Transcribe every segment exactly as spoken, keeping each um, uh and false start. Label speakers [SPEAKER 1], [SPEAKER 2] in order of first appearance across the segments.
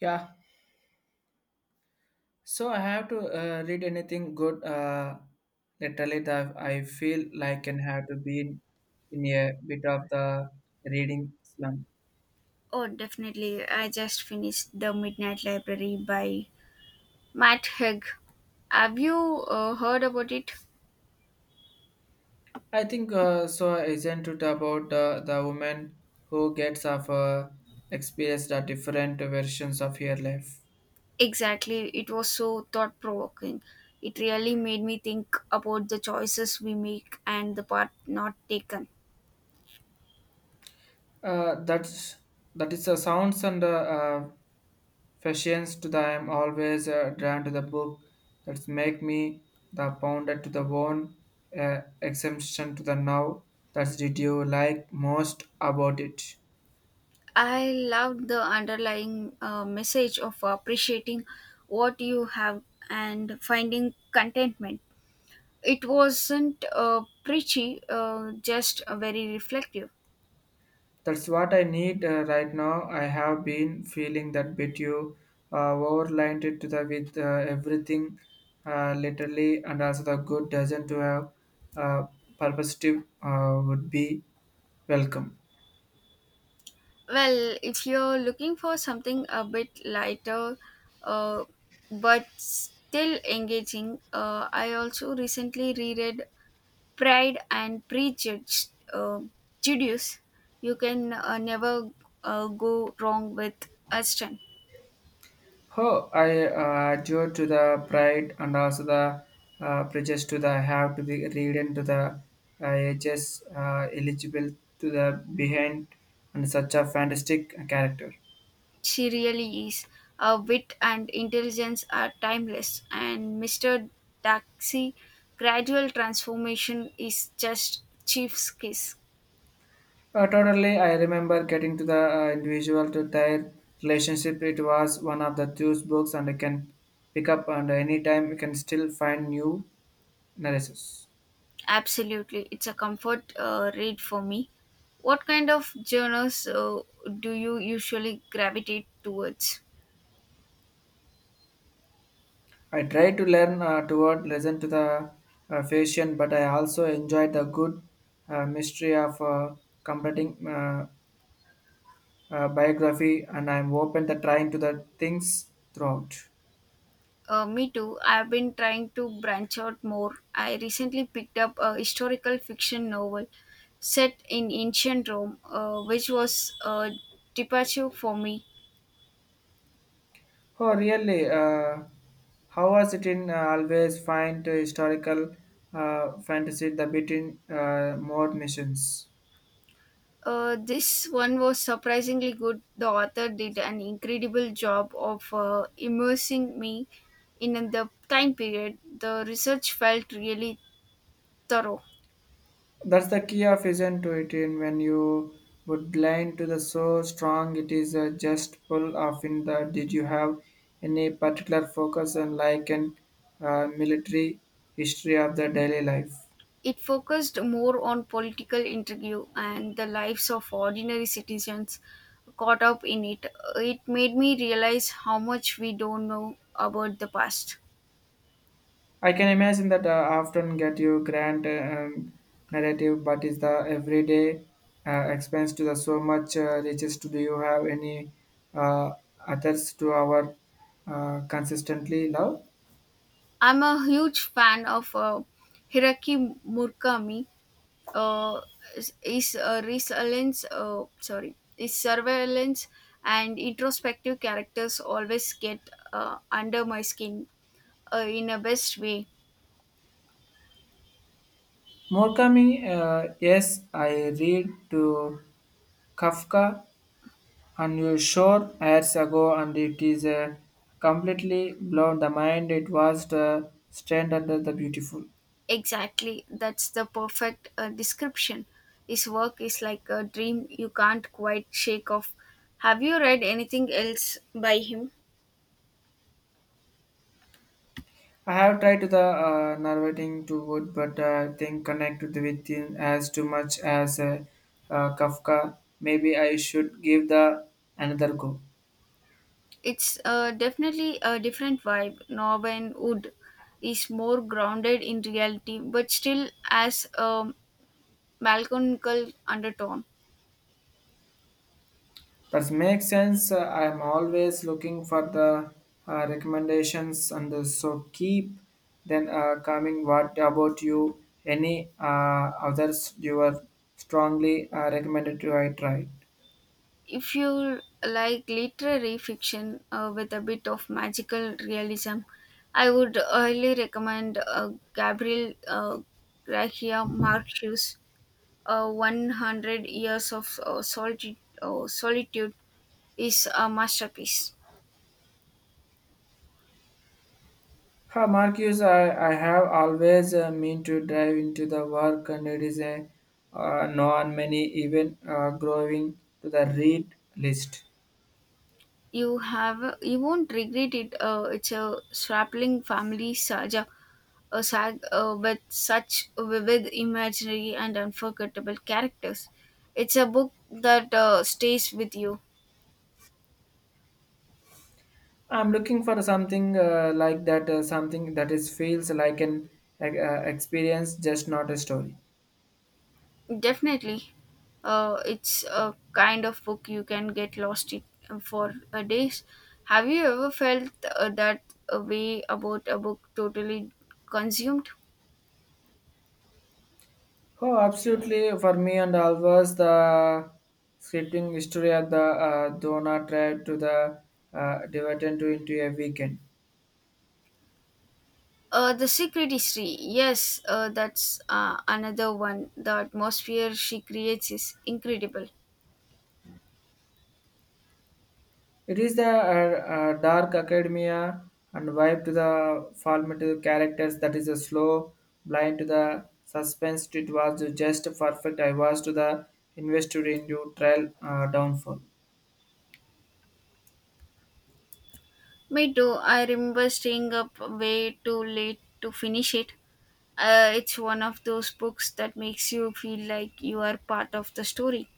[SPEAKER 1] Yeah. So I have to uh, read anything good. Uh, literally, that I feel like and have to be in, in a bit of the reading slump.
[SPEAKER 2] Oh, definitely. I just finished The Midnight Library by Matt Haig. Have you uh, heard about it?
[SPEAKER 1] I think uh, so. Isn't it about uh, the woman who gets of uh, experience the different versions of her life?
[SPEAKER 2] Exactly. It was so thought provoking. It really made me think about the choices we make and the part not taken.
[SPEAKER 1] Uh, that's that is the sounds and uh, uh, Fashions to the I am always uh, drawn to the book that's make me the pounder to the one uh, exemption to the now. That's did you like most about it?
[SPEAKER 2] I loved the underlying uh, message of appreciating what you have and finding contentment. It wasn't uh, preachy, uh, just uh, very reflective.
[SPEAKER 1] That's what I need uh, right now. I have been feeling that bit you uh, overlined it to the with uh, everything uh, literally and also the good doesn't to have uh, purposive uh, would be welcome.
[SPEAKER 2] Well, if you're looking for something a bit lighter uh, but still engaging, uh, I also recently reread Pride and Prejudice. Uh, Judice. You can uh, never uh, go wrong with Aston.
[SPEAKER 1] Oh, I uh, adhere to the pride and also the uh, prejudice to the have to be read into the uh, ages uh, eligible to the behind and such a fantastic character.
[SPEAKER 2] She really is. Her wit and intelligence are timeless, and Mister Taxi' gradual transformation is just chief's kiss.
[SPEAKER 1] Uh, totally, I remember getting to the uh, individual to their relationship. It was one of the two books and I can pick up and anytime you can still find new narratives.
[SPEAKER 2] Absolutely, it's a comfort uh, read for me. What kind of journals uh, do you usually gravitate towards?
[SPEAKER 1] I try to learn uh, toward listen to the uh, fashion, but I also enjoy the good uh, mystery of uh, completing uh, uh, biography, and I'm open to trying to the things throughout.
[SPEAKER 2] Uh, me too. I've been trying to branch out more. I recently picked up a historical fiction novel set in ancient Rome, uh, which was a departure for me.
[SPEAKER 1] Oh, really? Uh, how was it in uh, always find historical uh, fantasy the between uh, more missions?
[SPEAKER 2] Uh, this one was surprisingly good. The author did an incredible job of uh, immersing me in the time period. The research felt really thorough.
[SPEAKER 1] That's the key of isn't to it in when you would lean to the so strong it is a just pull off in the did you have any particular focus on like an uh, military history of the daily life.
[SPEAKER 2] It focused more on political intrigue and the lives of ordinary citizens caught up in it. It made me realize how much we don't know about the past.
[SPEAKER 1] I can imagine that uh, often get you grand uh, um, narrative but is the everyday uh, expense to the so much uh, riches to do you have any uh, others to our uh, consistently love?
[SPEAKER 2] I'm a huge fan of uh, Hiraki Murakami uh, is uh, resilience uh, sorry is surveillance and introspective characters always get uh, under my skin uh, in a best way.
[SPEAKER 1] Murakami, uh, yes, I read to Kafka on your shore years ago, and it is uh, completely blown the mind. It was the stand under the beautiful.
[SPEAKER 2] Exactly, that's the perfect uh, description. His work is like a dream you can't quite shake off. Have you read anything else by him?
[SPEAKER 1] I have tried to the uh, narrating to wood, but uh, I think connect with the within as too much as uh, uh, Kafka. Maybe I should give the another go.
[SPEAKER 2] It's uh, definitely a different vibe. Norman Wood is more grounded in reality but still as um, melancholic undertone.
[SPEAKER 1] That makes sense. Uh, I am always looking for the uh, recommendations and the, so keep then uh, coming. What about you? Any uh, others you are strongly uh, recommended to I try?
[SPEAKER 2] If you like literary fiction uh, with a bit of magical realism, I would highly recommend uh, Gabriel uh, Garcia Marquez's uh, one hundred Years of uh, Solitude, uh, Solitude is a masterpiece.
[SPEAKER 1] Ha, Marcus, I, I have always uh, mean to dive into the work and it is a uh, non many even uh, growing to the read list.
[SPEAKER 2] You have you won't regret it. Uh, it's a strapping family saga a sag uh, with such vivid imaginary and unforgettable characters. It's a book that uh, stays with you.
[SPEAKER 1] I'm looking for something uh, like that, uh, something that is feels like an uh, uh, experience, just not a story.
[SPEAKER 2] Definitely, uh, it's a kind of book you can get lost in uh, for uh, days. Have you ever felt uh, that uh, way about a book, totally consumed?
[SPEAKER 1] Oh, absolutely! For me and always the scripting history of the uh, Dona tribe to the uh, dividend to into a weekend.
[SPEAKER 2] Uh, The Secret History, yes, uh, that's uh, another one. The atmosphere she creates is incredible.
[SPEAKER 1] It is the uh, uh, dark academia and vibe to the formative characters that is a slow blind to the suspense. It was just perfect. I was to the investor into trial uh, downfall.
[SPEAKER 2] Me too. I remember staying up way too late to finish it. Uh, it's one of those books that makes you feel like you are part of the story.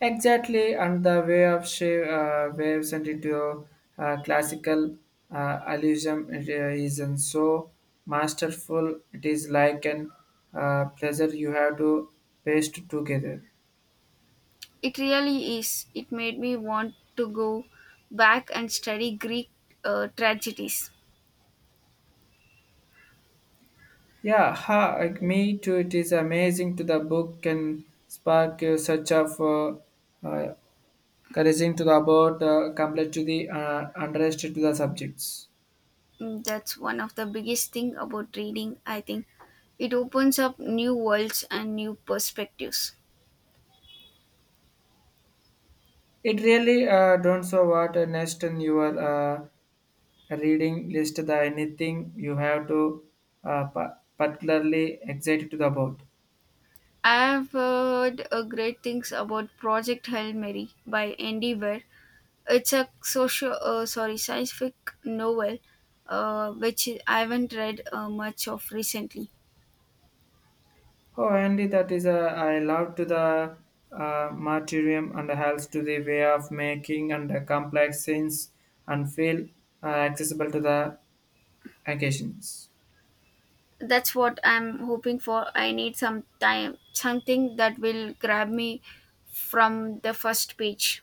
[SPEAKER 1] Exactly, and the way of shape, uh, waves and into uh, classical uh, allusion it, uh, is and so masterful. It is like an uh, pleasure you have to paste together.
[SPEAKER 2] It really is. It made me want to go back and study Greek uh, tragedies.
[SPEAKER 1] Yeah, ha, like me too. It is amazing to the book can spark uh, such of uh, uh, couraging to the about uh, compared to the uh, underestimated to the subjects.
[SPEAKER 2] Mm, That's one of the biggest thing about reading, I think. It opens up new worlds and new perspectives.
[SPEAKER 1] It really uh, don't so what uh, next in your uh, reading list the anything you have to uh, pa- particularly excited to the about.
[SPEAKER 2] I have heard uh, great things about Project Hail Mary by Andy Weir. It's a social, uh, sorry, scientific novel, uh, which I haven't read uh, much of recently.
[SPEAKER 1] Oh, Andy, that is a I love to the uh, martyrium and helps to the way of making and the complex scenes and feel uh, accessible to the occasions.
[SPEAKER 2] That's what I'm hoping for. I need some time, something that will grab me from the first page.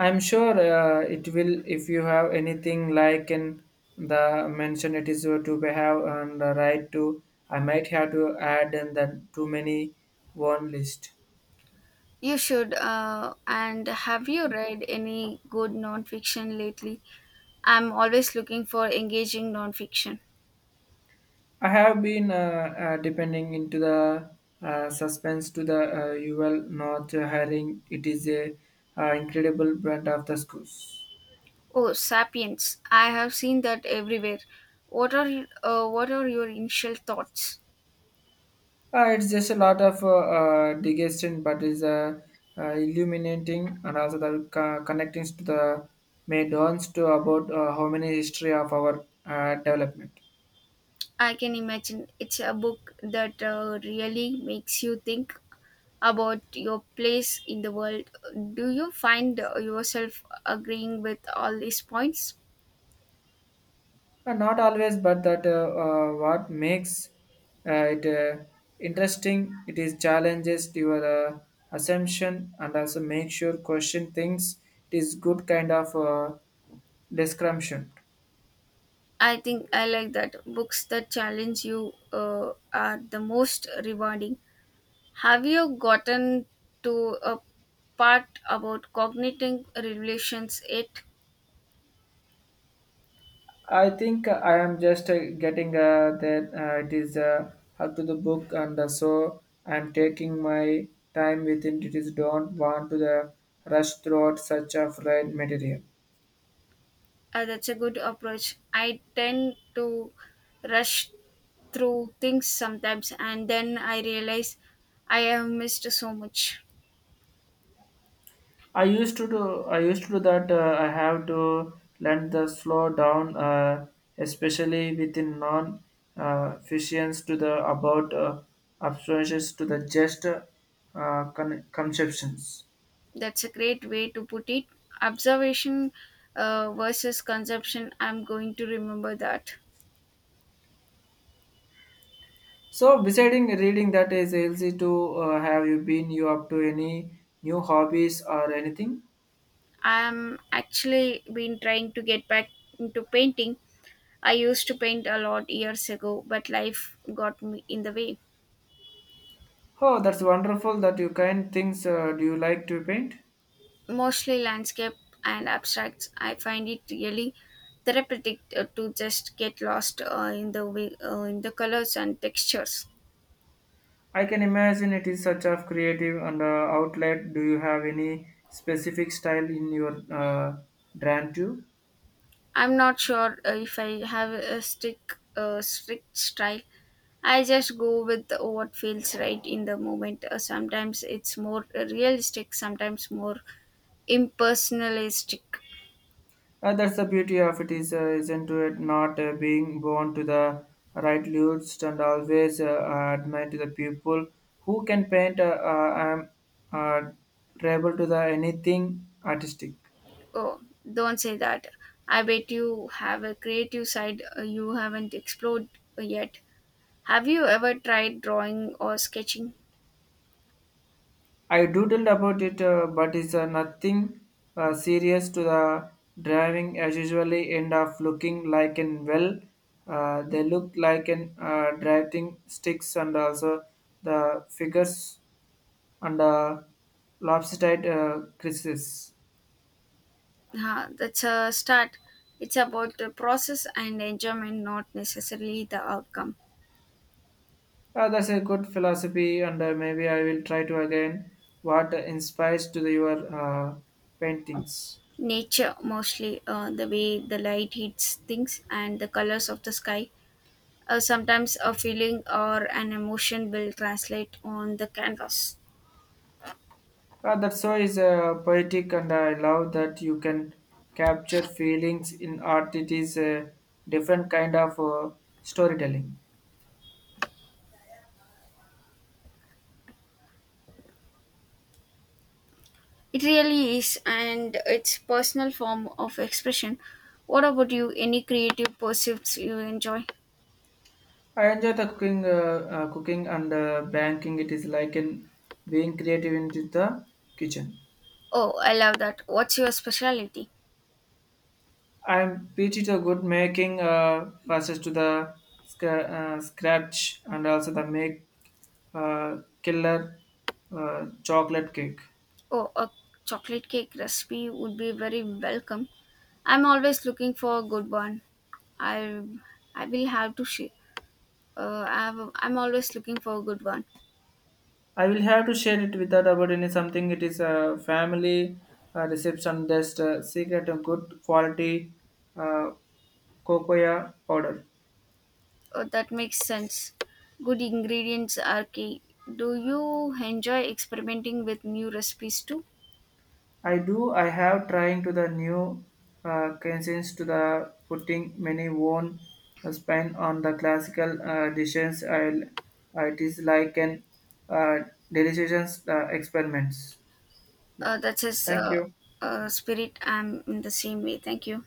[SPEAKER 1] I'm sure uh, it will if you have anything like in the mention it is to behave and the right to I might have to add in the too many one list.
[SPEAKER 2] You should. Uh, and have you read any good nonfiction lately? I'm always looking for engaging nonfiction.
[SPEAKER 1] I have been uh, uh, depending into the uh, suspense to the uh, U L not hiring. It is a uh, incredible brand of the schools.
[SPEAKER 2] Oh, *Sapiens*! I have seen that everywhere. What are y- uh, what are your initial thoughts?
[SPEAKER 1] Uh, it's just a lot of uh, uh, digestion, but is uh, uh, illuminating and also the co- connecting to the may dawns to about uh, how many history of our uh, development.
[SPEAKER 2] I can imagine it's a book that uh, really makes you think about your place in the world. Do you find uh, yourself agreeing with all these points?
[SPEAKER 1] Uh, not always, but that uh, uh, what makes uh, it uh, interesting. It is challenges your uh, assumption and also make sure question things. It is good kind of uh, description.
[SPEAKER 2] I think I like that. Books that challenge you uh, are the most rewarding. Have you gotten to a part about cognitive relations yet?
[SPEAKER 1] I think I am just uh, getting uh, that uh, it is uh, up to the book, and uh, so I am taking my time within. It is don't want to the rush throughout such a fluid material.
[SPEAKER 2] Uh, that's a good approach. I tend to rush through things sometimes, and then I realize I have missed so much.
[SPEAKER 1] I used to do. I used to do that. Uh, I have to learn the slow down, uh, especially within non uh, fictions to the about uh, abstractions to the just uh, con- conceptions.
[SPEAKER 2] That's a great way to put it: observation uh, versus consumption. I'm going to remember that.
[SPEAKER 1] So, besides reading, that is easy to uh, have you been you up to any new hobbies or anything?
[SPEAKER 2] I'm actually been trying to get back into painting. I used to paint a lot years ago, but life got me in the way.
[SPEAKER 1] Oh, that's wonderful that you kind things. Uh, do you like to paint?
[SPEAKER 2] Mostly landscape and abstracts. I find it really therapeutic uh, to just get lost uh, in the way, uh, in the colors and textures.
[SPEAKER 1] I can imagine it is such a creative and uh, outlet. Do you have any specific style in your uh, brand too?
[SPEAKER 2] I'm not sure uh, if I have a strict, uh, strict style. I just go with what feels right in the moment. Uh, sometimes it's more realistic, sometimes more impersonalistic.
[SPEAKER 1] Uh, that's the beauty of it is uh, isn't it not uh, being born to the right list and always uh, admire to the people who can paint. Uh, uh, I'm uh, tribal to the anything artistic.
[SPEAKER 2] Oh, don't say that. I bet you have a creative side uh, you haven't explored yet. Have you ever tried drawing or sketching?
[SPEAKER 1] I doodled about it, uh, but it's uh, nothing uh, serious to the driving. As usually, end up looking like an well. Uh, they look like an uh, driving sticks and also the figures and uh, lopsided uh, creases.
[SPEAKER 2] Huh, that's a start. It's about the process and enjoyment, not necessarily the outcome.
[SPEAKER 1] Uh, that's a good philosophy, and uh, maybe I will try to again. What inspires to the, your uh, paintings?
[SPEAKER 2] Nature mostly, uh, the way the light hits things and the colors of the sky. Uh, sometimes a feeling or an emotion will translate on the canvas.
[SPEAKER 1] Uh, that so is uh, poetic, and I love that you can capture feelings in art. It is a different kind of uh, storytelling.
[SPEAKER 2] It really is, and it's personal form of expression. What about you? Any creative pursuits you enjoy?
[SPEAKER 1] I enjoy the cooking, uh, uh, cooking and uh, banking. It is like in being creative into the kitchen.
[SPEAKER 2] Oh, I love that. What's your specialty?
[SPEAKER 1] I am pretty to good making uh, passes to the scra- uh, scratch and also the make uh, killer uh, chocolate cake.
[SPEAKER 2] Oh, a chocolate cake recipe would be very welcome. I'm always looking for a good one. I i will have to share. Uh, I've, I'm always looking for a good one.
[SPEAKER 1] I will have to share it without about any something. It is a family uh, reception. Just uh, secret a good quality uh, cocoa powder.
[SPEAKER 2] Oh, that makes sense. Good ingredients are key. Do you enjoy experimenting with new recipes too?
[SPEAKER 1] I do. I have trying to the new uh, cuisines to the putting many won uh, spin on the classical uh, dishes. I'll, uh, it is like an uh, delicious uh, experiments. Yeah.
[SPEAKER 2] Uh, that's says
[SPEAKER 1] Thank
[SPEAKER 2] uh,
[SPEAKER 1] you.
[SPEAKER 2] uh, Spirit. I'm in the same way. Thank you.